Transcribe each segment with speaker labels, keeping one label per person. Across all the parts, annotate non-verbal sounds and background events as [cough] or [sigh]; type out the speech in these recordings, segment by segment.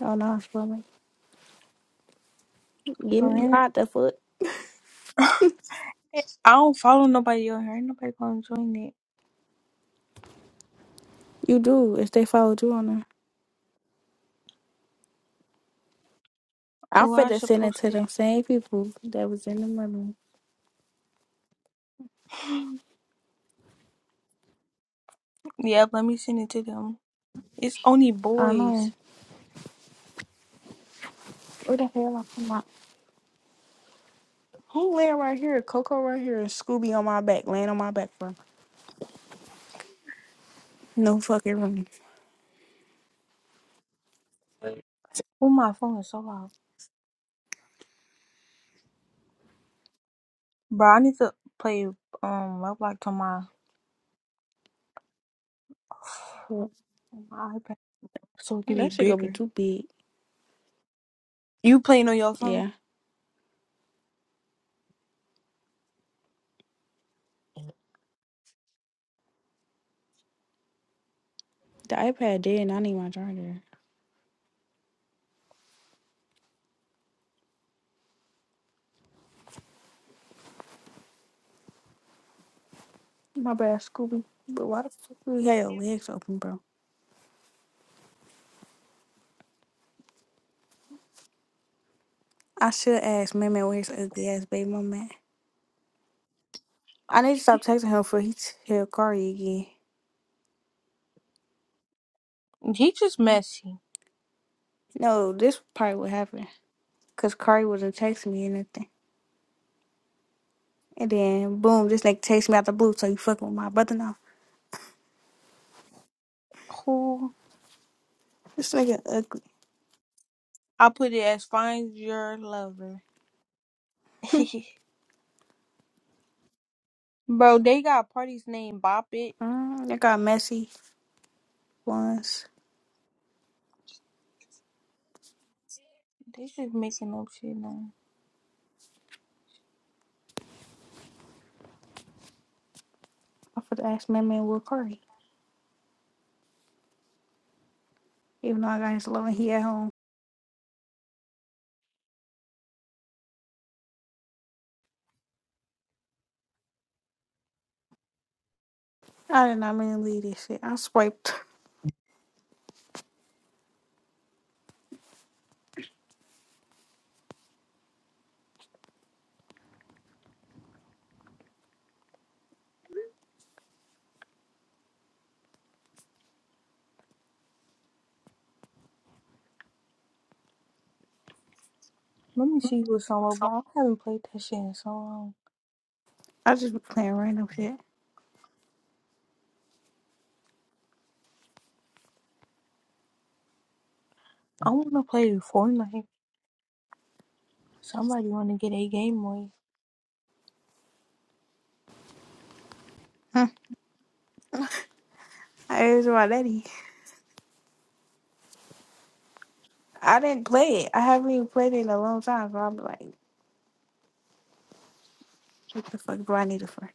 Speaker 1: Oh no, for me. Give me
Speaker 2: Brandon.
Speaker 1: not the foot.
Speaker 2: I don't follow nobody on here. Ain't nobody gonna join it.
Speaker 1: You do if they followed you on there. I'm
Speaker 2: Oh, I
Speaker 1: finna
Speaker 2: should
Speaker 1: send it
Speaker 2: post
Speaker 1: to
Speaker 2: it.
Speaker 1: them same people that was in the money.
Speaker 2: Yeah, let me send it to them. It's only
Speaker 1: I
Speaker 2: boys.
Speaker 1: know. Where the hell I come out? Who laying right here? Coco right here and Scooby on my back, laying on my back for no fucking room.
Speaker 2: Oh, my phone is so loud. Bro, I need to play um Roblox on my,
Speaker 1: Yeah.
Speaker 2: on my iPad so it can be
Speaker 1: That shit gonna be
Speaker 2: bigger.
Speaker 1: too big.
Speaker 2: You playing on your phone?
Speaker 1: Yeah. The iPad dead and I need my charger. My bad, Scooby. But why the fuck do you have your legs open, bro? I should ask Mammy where's ugly ass baby mama at. I need to stop
Speaker 2: [laughs]
Speaker 1: texting him for he tell Cardi again.
Speaker 2: He just messy.
Speaker 1: No, this probably what happened. Cause Kari wasn't texting me or nothing. And then boom, this nigga text me out the blue, so you fucking with my brother now.
Speaker 2: Who?
Speaker 1: This nigga ugly.
Speaker 2: I put it as find your lover.
Speaker 1: [laughs]
Speaker 2: [laughs] Bro, they got parties named Bop It.
Speaker 1: mm, it got messy once.
Speaker 2: They just making up shit now.
Speaker 1: I forgot to ask my man with Kari. Even though I got his love and he at home. I did not mean to leave this shit. I swiped.
Speaker 2: Let me see what's on Roblox. I haven't played that shit in so long.
Speaker 1: I just be playing random shit. [laughs]
Speaker 2: I want to play Fortnite. Somebody want to get a Game Boy
Speaker 1: Huh. I asked my daddy. I didn't play it. I haven't even played it in a long time, so I'm like, what the fuck do I need it for?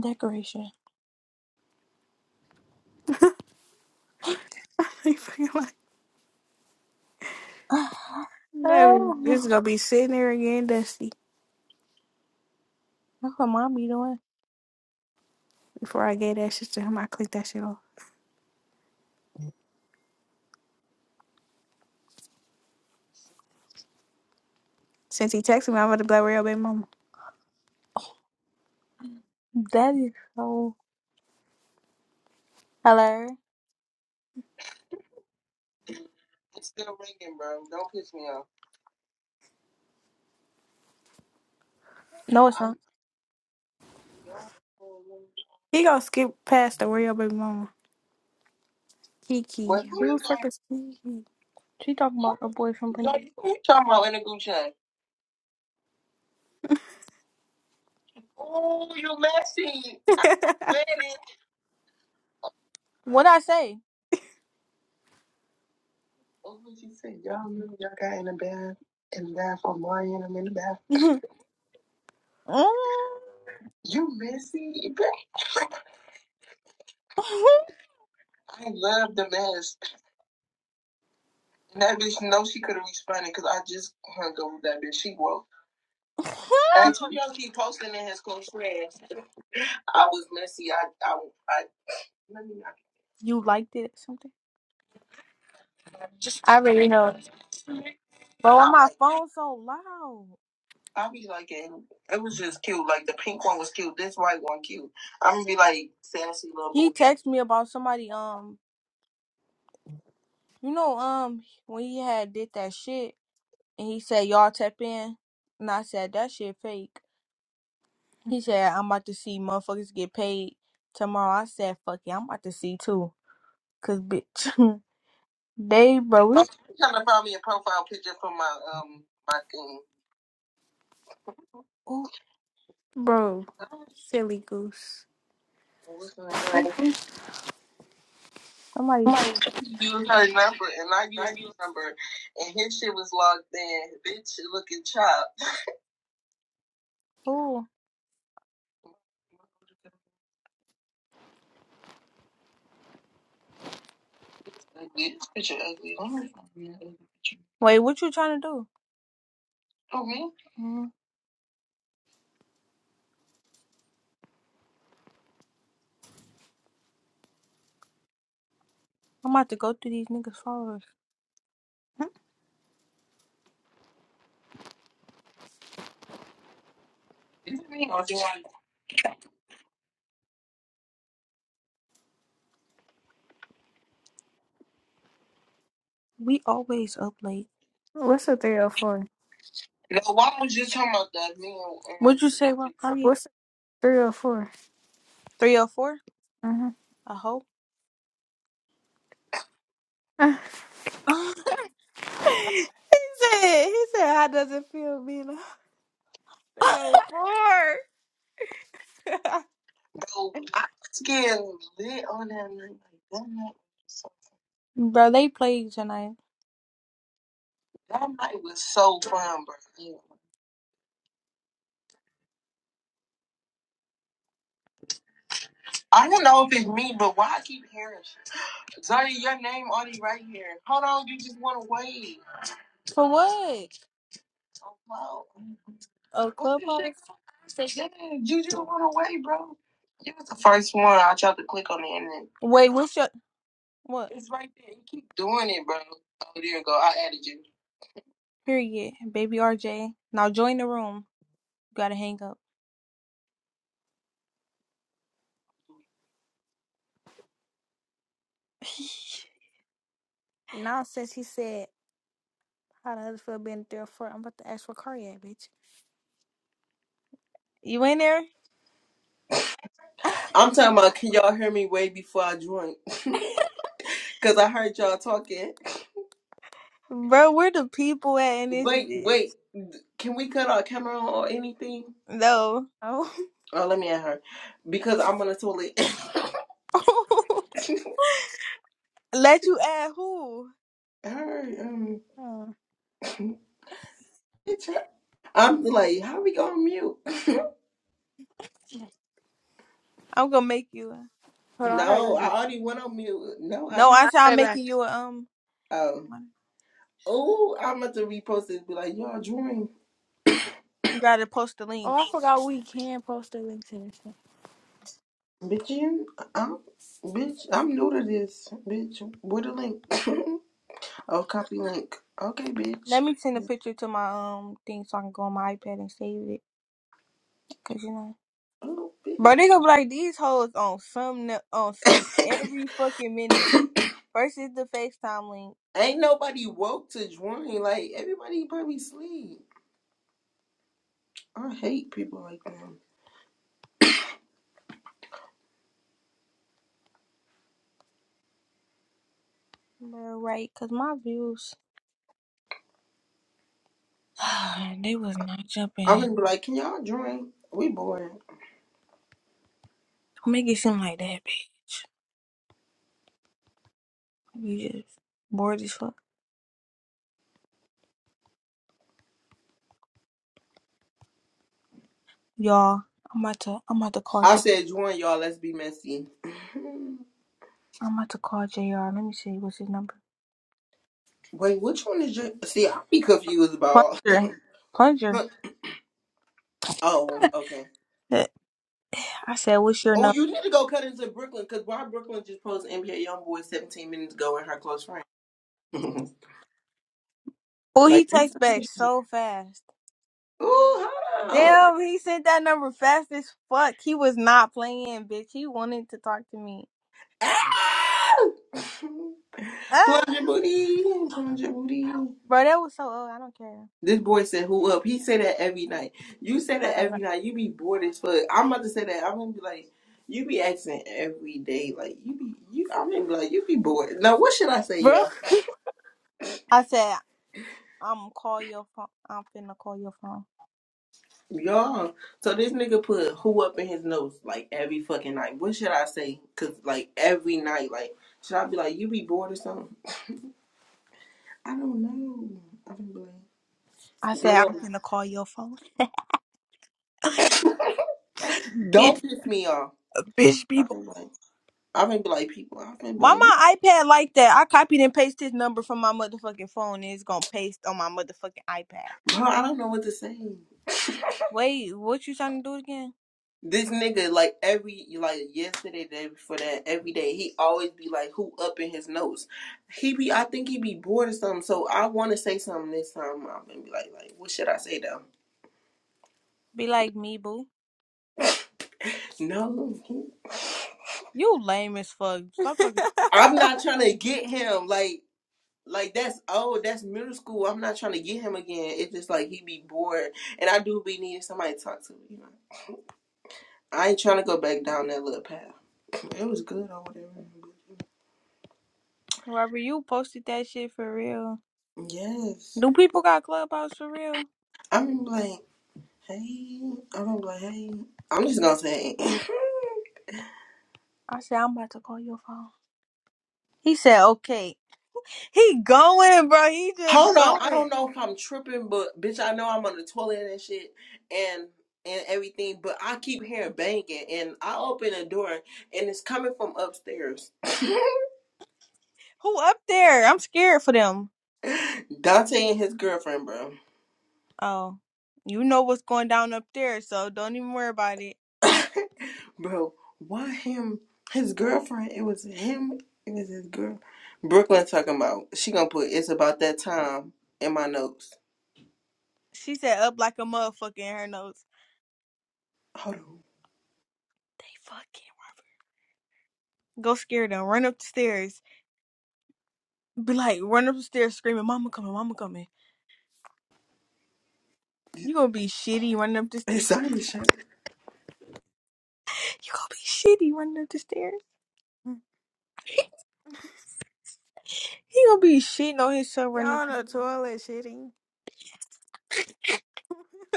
Speaker 2: decoration. [sighs]
Speaker 1: [laughs] He fucking like, no,
Speaker 2: Oh,
Speaker 1: it's gonna be sitting there again, dusty.
Speaker 2: That's what mom be doing.
Speaker 1: Before I gave that shit to him, I clicked that shit off. Since he texted me, I'm about to be like, where your baby mama?
Speaker 2: That is so. Hello? It's still ringing, bro. Don't piss me off. No, it's not.
Speaker 1: He gonna skip past the where your baby mama. Kiki.
Speaker 2: What
Speaker 1: Who the fuck is Kiki?
Speaker 2: She talking about a boy from No, Pennsylvania. You talking about in the group chat. Oh, you messy. I read it. What I say? What would you say? Y'all, remember y'all say? got in in the the the bath bath bath. for Marion. I'm in the bath. Mm. You messy. [laughs] I love the mess. And that bitch knows she could have responded because I just hung up with that bitch. She woke. And two [laughs] y'all keep posting in his close friends. I was messy. I, I, I, let me not. you liked it or something? Just, I already know. But why my like, phone so loud? I be like, it, it was just cute. Like, the pink one was cute. This white one cute. I'm gonna be like, sassy little He texted me about somebody. Um. You know, um, when he had did that shit and he said y'all tap in, and I said that shit fake. He said I'm about to see motherfuckers get paid tomorrow. I said fuck yeah, I'm about to see too, cause bitch, [laughs] they bro, we, Oh, you trying to find me a profile picture for my um my thing. ooh,
Speaker 1: [laughs] Bro, silly goose.
Speaker 2: What's the name? somebody tr-
Speaker 1: Huh?
Speaker 2: Use her number, and I used her number, and his shit was logged in. Bitch, looking chopped. ooh. [laughs] This picture ugly. Don't worry me, that picture. Wait, what you trying to do? Oh, me? Mm, I'm about to go through these niggas' followers. Is it me or do I? We always up late.
Speaker 1: What's a 304?
Speaker 2: No, why was you talking about that? Me and, and What'd you say, Rock Party?
Speaker 1: What's a 304?
Speaker 2: 304?
Speaker 1: Uh-huh.
Speaker 2: A hoe?
Speaker 1: [laughs]
Speaker 2: [laughs] bro,
Speaker 1: he said, he said, how does it feel being a 304?
Speaker 2: I was getting lit on that night. Like, that night was so Bro, they played tonight. That night was so fun, bro. I don't know if it's me, but why I keep hearing shit. Zaya, your name on it right here. Hold on, you just want to wait. For what? Oh, wow. A What's this shit clubhouse? Yeah, you just want to wait, bro. You was the first one. I tried to click on it and then Wait, what's your what? it's right there. You keep doing it, bro. Oh, there you go. I added you. Period. Baby RJ. Now join the room. You gotta hang up. [laughs]
Speaker 1: [laughs] Nonsense, he said, how does it feel being a 304? I'm about to ask for cardiac, bitch.
Speaker 2: you in there?
Speaker 3: I'm talking about can y'all hear me way before I joined? [laughs] Cause I heard y'all talking.
Speaker 2: Bro, where the people at in this
Speaker 3: Wait,
Speaker 2: bitch?
Speaker 3: wait. Can we cut our camera on or anything?
Speaker 2: No.
Speaker 1: Oh.
Speaker 3: Oh, let me at her because I'm on the toilet.
Speaker 1: [laughs]
Speaker 3: [laughs]
Speaker 2: Let you add who?
Speaker 3: her, um,
Speaker 1: Oh,
Speaker 3: bitch, her- I'm like, how we gonna mute?
Speaker 2: I'm gonna make you.
Speaker 1: hold on, I gotta
Speaker 3: No,
Speaker 1: use
Speaker 3: I
Speaker 1: it.
Speaker 3: already went on mute. No, I
Speaker 2: No,
Speaker 3: know.
Speaker 2: I
Speaker 1: I
Speaker 2: said
Speaker 1: got
Speaker 2: I'm
Speaker 1: it back.
Speaker 2: making you a um.
Speaker 3: Um, oh, I'm about to repost this. Be like, y'all join,
Speaker 2: You gotta post the
Speaker 1: Oh,
Speaker 2: link.
Speaker 1: I forgot we can post the links in this thing.
Speaker 3: bitch. You, I'm, bitch. I'm new to this, bitch. With the link. [laughs] oh, copy link. Okay, bitch.
Speaker 2: Let me send a picture to my um thing so I can go on my iPad and save it. Cause you know,
Speaker 3: Oh,
Speaker 2: bro,
Speaker 3: bitch.
Speaker 2: they gonna be like these hoes on some n- on some every fucking minute. First is the FaceTime link,
Speaker 3: Ain't nobody woke to join. Like everybody probably sleep. I hate people like that.
Speaker 2: bro, right? Cause my views, [sighs] they was not
Speaker 3: I
Speaker 2: jumping.
Speaker 3: wouldn't be like, can y'all join? We boring.
Speaker 2: Don't make it seem like that, bitch. You just bored as fuck, y'all. I'm about to I'm about to call
Speaker 3: I
Speaker 2: J.
Speaker 3: said join y'all. Let's be messy.
Speaker 2: I'm about to call Jr. Let me see what's his number.
Speaker 3: [laughs] Wait, which one is your? See, I be confused about.
Speaker 2: Plunger, plunger.
Speaker 3: all- [laughs] oh, okay.
Speaker 2: I said, what's your
Speaker 3: Oh,
Speaker 2: number?
Speaker 3: you need to go cut into Brooklyn because why Brooklyn just posted NBA YoungBoy 17 minutes ago and her close friend. [laughs]
Speaker 2: Oh,
Speaker 3: like,
Speaker 2: he
Speaker 3: that's
Speaker 2: texts back
Speaker 3: crazy.
Speaker 2: so fast.
Speaker 3: [laughs] ooh, hold on.
Speaker 2: Damn, he sent that number fast as fuck. He was not playing, bitch. He wanted to talk to me.
Speaker 3: Ah! [laughs]
Speaker 2: [laughs] Ah,
Speaker 3: plunge your booty, plunge your booty.
Speaker 2: bro, that was so old. I don't care.
Speaker 3: This boy said, "Who up?" He say that every night. You say
Speaker 1: I
Speaker 3: that
Speaker 1: don't know.
Speaker 3: every night. You be bored as fuck. I'm about to say that. I'm gonna be like, you be asking every day. Like you be you. I'm gonna be like, you be bored. Now what should I say,
Speaker 1: Bro,
Speaker 3: y'all?
Speaker 2: I said, I'm call your phone. I'm finna call your phone.
Speaker 3: Y'all. So this nigga put who up in his nose like every fucking night. What should I say? Cause like every night, like should I be like, you be bored or something? I don't know. I can be
Speaker 2: I said,
Speaker 3: like,
Speaker 2: I'm
Speaker 3: damn.
Speaker 2: finna call your phone. [laughs]
Speaker 3: Don't
Speaker 2: bitch,
Speaker 3: piss me off.
Speaker 2: bitch,
Speaker 3: I
Speaker 2: people.
Speaker 3: can be like, I can be like people. I can be
Speaker 2: Why
Speaker 3: like, you-
Speaker 2: my iPad like that? I copied and pasted his number from my motherfucking phone and it's gonna paste on my motherfucking iPad.
Speaker 3: bro. I don't know what to say.
Speaker 2: Wait, what you trying to do again?
Speaker 3: This nigga, like every like yesterday, the day before that, every day he always be like, "Who up in his notes?" He be, I think he be bored or something. So I want to say something this time. I'm gonna be like, like, what should I say though?
Speaker 2: Be like me, boo.
Speaker 3: No,
Speaker 2: You lame as fuck.
Speaker 1: [laughs]
Speaker 2: Stop talking.
Speaker 3: I'm not trying to get him. Like, like that's old. That's middle school. I'm not trying to get him again. It's just like he be bored, and I do be needing somebody to talk to. You know, I ain't trying to go back down that little path. It was good or whatever.
Speaker 2: Robert, you posted that shit for real.
Speaker 3: Yes,
Speaker 2: Do people got clubhouse for real?
Speaker 3: I'm like. Hey, I don't be like, hey. I'm just gonna say, [laughs]
Speaker 2: I said I'm about to call your phone. He said okay. He going, bro. He just
Speaker 3: hold on. I don't
Speaker 2: going.
Speaker 3: know if I'm tripping, but bitch, I know I'm on the toilet and shit, and and everything. But I keep hearing banging, and I open the door, and it's coming from upstairs.
Speaker 2: Who up there? I'm scared for them.
Speaker 3: [laughs] Dante and his girlfriend, bro.
Speaker 2: Oh, you know what's going down up there, so don't even worry about it.
Speaker 3: [laughs] bro, why him? His girlfriend. It was him. It was his girl. Brooklyn talking about. She gonna put. It's about that time in my notes.
Speaker 2: She said up like a motherfucker in her notes.
Speaker 3: Hold on.
Speaker 2: They fucking Robert. Go scare them. Run up the stairs. Be like, run up the stairs screaming, "Mama coming, Mama coming." You gonna be shitty running up the stairs.
Speaker 3: It's Zion. Shut up.
Speaker 2: You gonna be shitty running up the stairs. He gonna be shitting on his son
Speaker 1: y'all
Speaker 2: running up
Speaker 1: on
Speaker 2: the
Speaker 1: the
Speaker 2: stairs.
Speaker 1: toilet shitting. [laughs]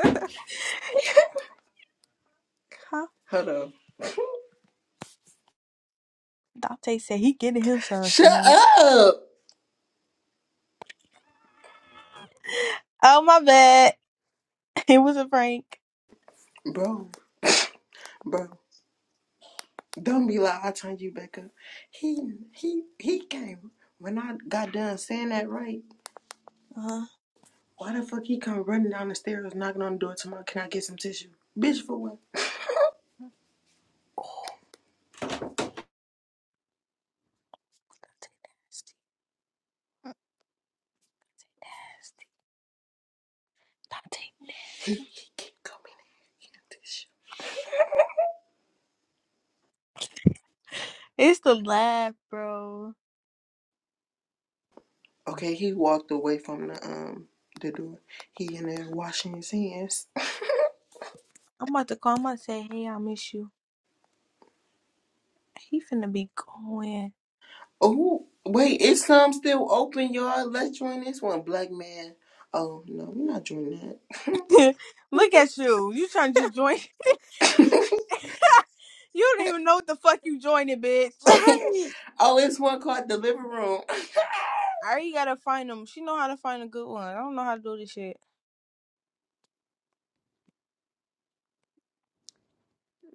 Speaker 2: Huh?
Speaker 3: Hold on.
Speaker 2: Dante said he getting his son
Speaker 3: Shut
Speaker 2: tonight.
Speaker 3: up,
Speaker 2: [laughs] Oh my bad. [laughs] It was a prank.
Speaker 3: bro, bro. Don't be like I turned you back up. He he he came when I got done saying that right.
Speaker 2: Uh,
Speaker 3: Why the fuck he come running down the stairs, knocking on the door, tomorrow? Can I get some tissue, bitch? For what?
Speaker 2: Dante nasty. Dante Nasty. Dante
Speaker 3: He he keep coming in here, get a tissue.
Speaker 2: nasty. It's the laugh, bro.
Speaker 3: Okay, he walked away from the um the door. He in there washing his hands.
Speaker 2: I'm about to call him and say, hey, I miss you. He finna be going.
Speaker 3: Oh wait, it's some still open, y'all. Let's join this one, black man. Oh no, we're not doing
Speaker 2: [laughs] Look at you. You trying to just join.
Speaker 3: that. [laughs]
Speaker 2: [laughs] you don't even know what the fuck you joining, bitch.
Speaker 1: right.
Speaker 3: [coughs] oh, it's one called the living room.
Speaker 2: I already gotta find them. She know how to find a good one. I don't know how to do this shit.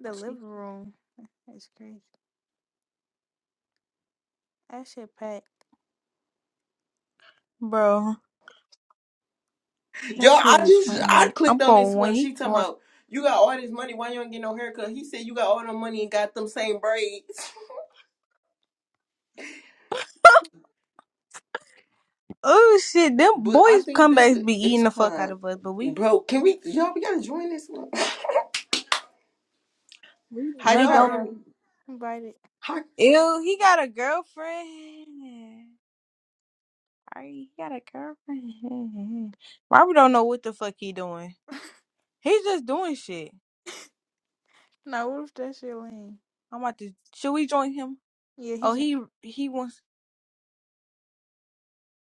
Speaker 1: The
Speaker 2: She-
Speaker 1: living room. That's crazy. That shit packed.
Speaker 2: Bro,
Speaker 3: [coughs]
Speaker 2: that
Speaker 3: Yo, I
Speaker 2: shit is
Speaker 3: just I
Speaker 2: funny. I'm
Speaker 3: clicked on
Speaker 2: going
Speaker 3: this
Speaker 2: when
Speaker 3: one.
Speaker 2: he
Speaker 3: She talking
Speaker 2: going.
Speaker 3: about you got all this money. Why you don't get no haircut? He said you got all the money and got them same braids. [laughs]
Speaker 2: Oh shit, them
Speaker 3: But I
Speaker 2: boys
Speaker 3: think this
Speaker 2: comebacks
Speaker 3: is
Speaker 2: be
Speaker 3: it's
Speaker 2: eating the fuck out
Speaker 3: called,
Speaker 2: of us, but we
Speaker 3: bro. Can we y'all? We gotta join this one.
Speaker 2: we
Speaker 3: [coughs] How
Speaker 1: I
Speaker 2: we
Speaker 3: y'all
Speaker 2: don't.
Speaker 1: gotta
Speaker 3: earn?
Speaker 1: invite it.
Speaker 3: How
Speaker 2: Ew, he got a girlfriend. Alright, he got a girlfriend. Robert don't know what the fuck he doing. He's just doing shit.
Speaker 1: No, what if that shit lame?
Speaker 2: I'm about to. Should we join him?
Speaker 1: Yeah, he just.
Speaker 2: Oh, he he wants.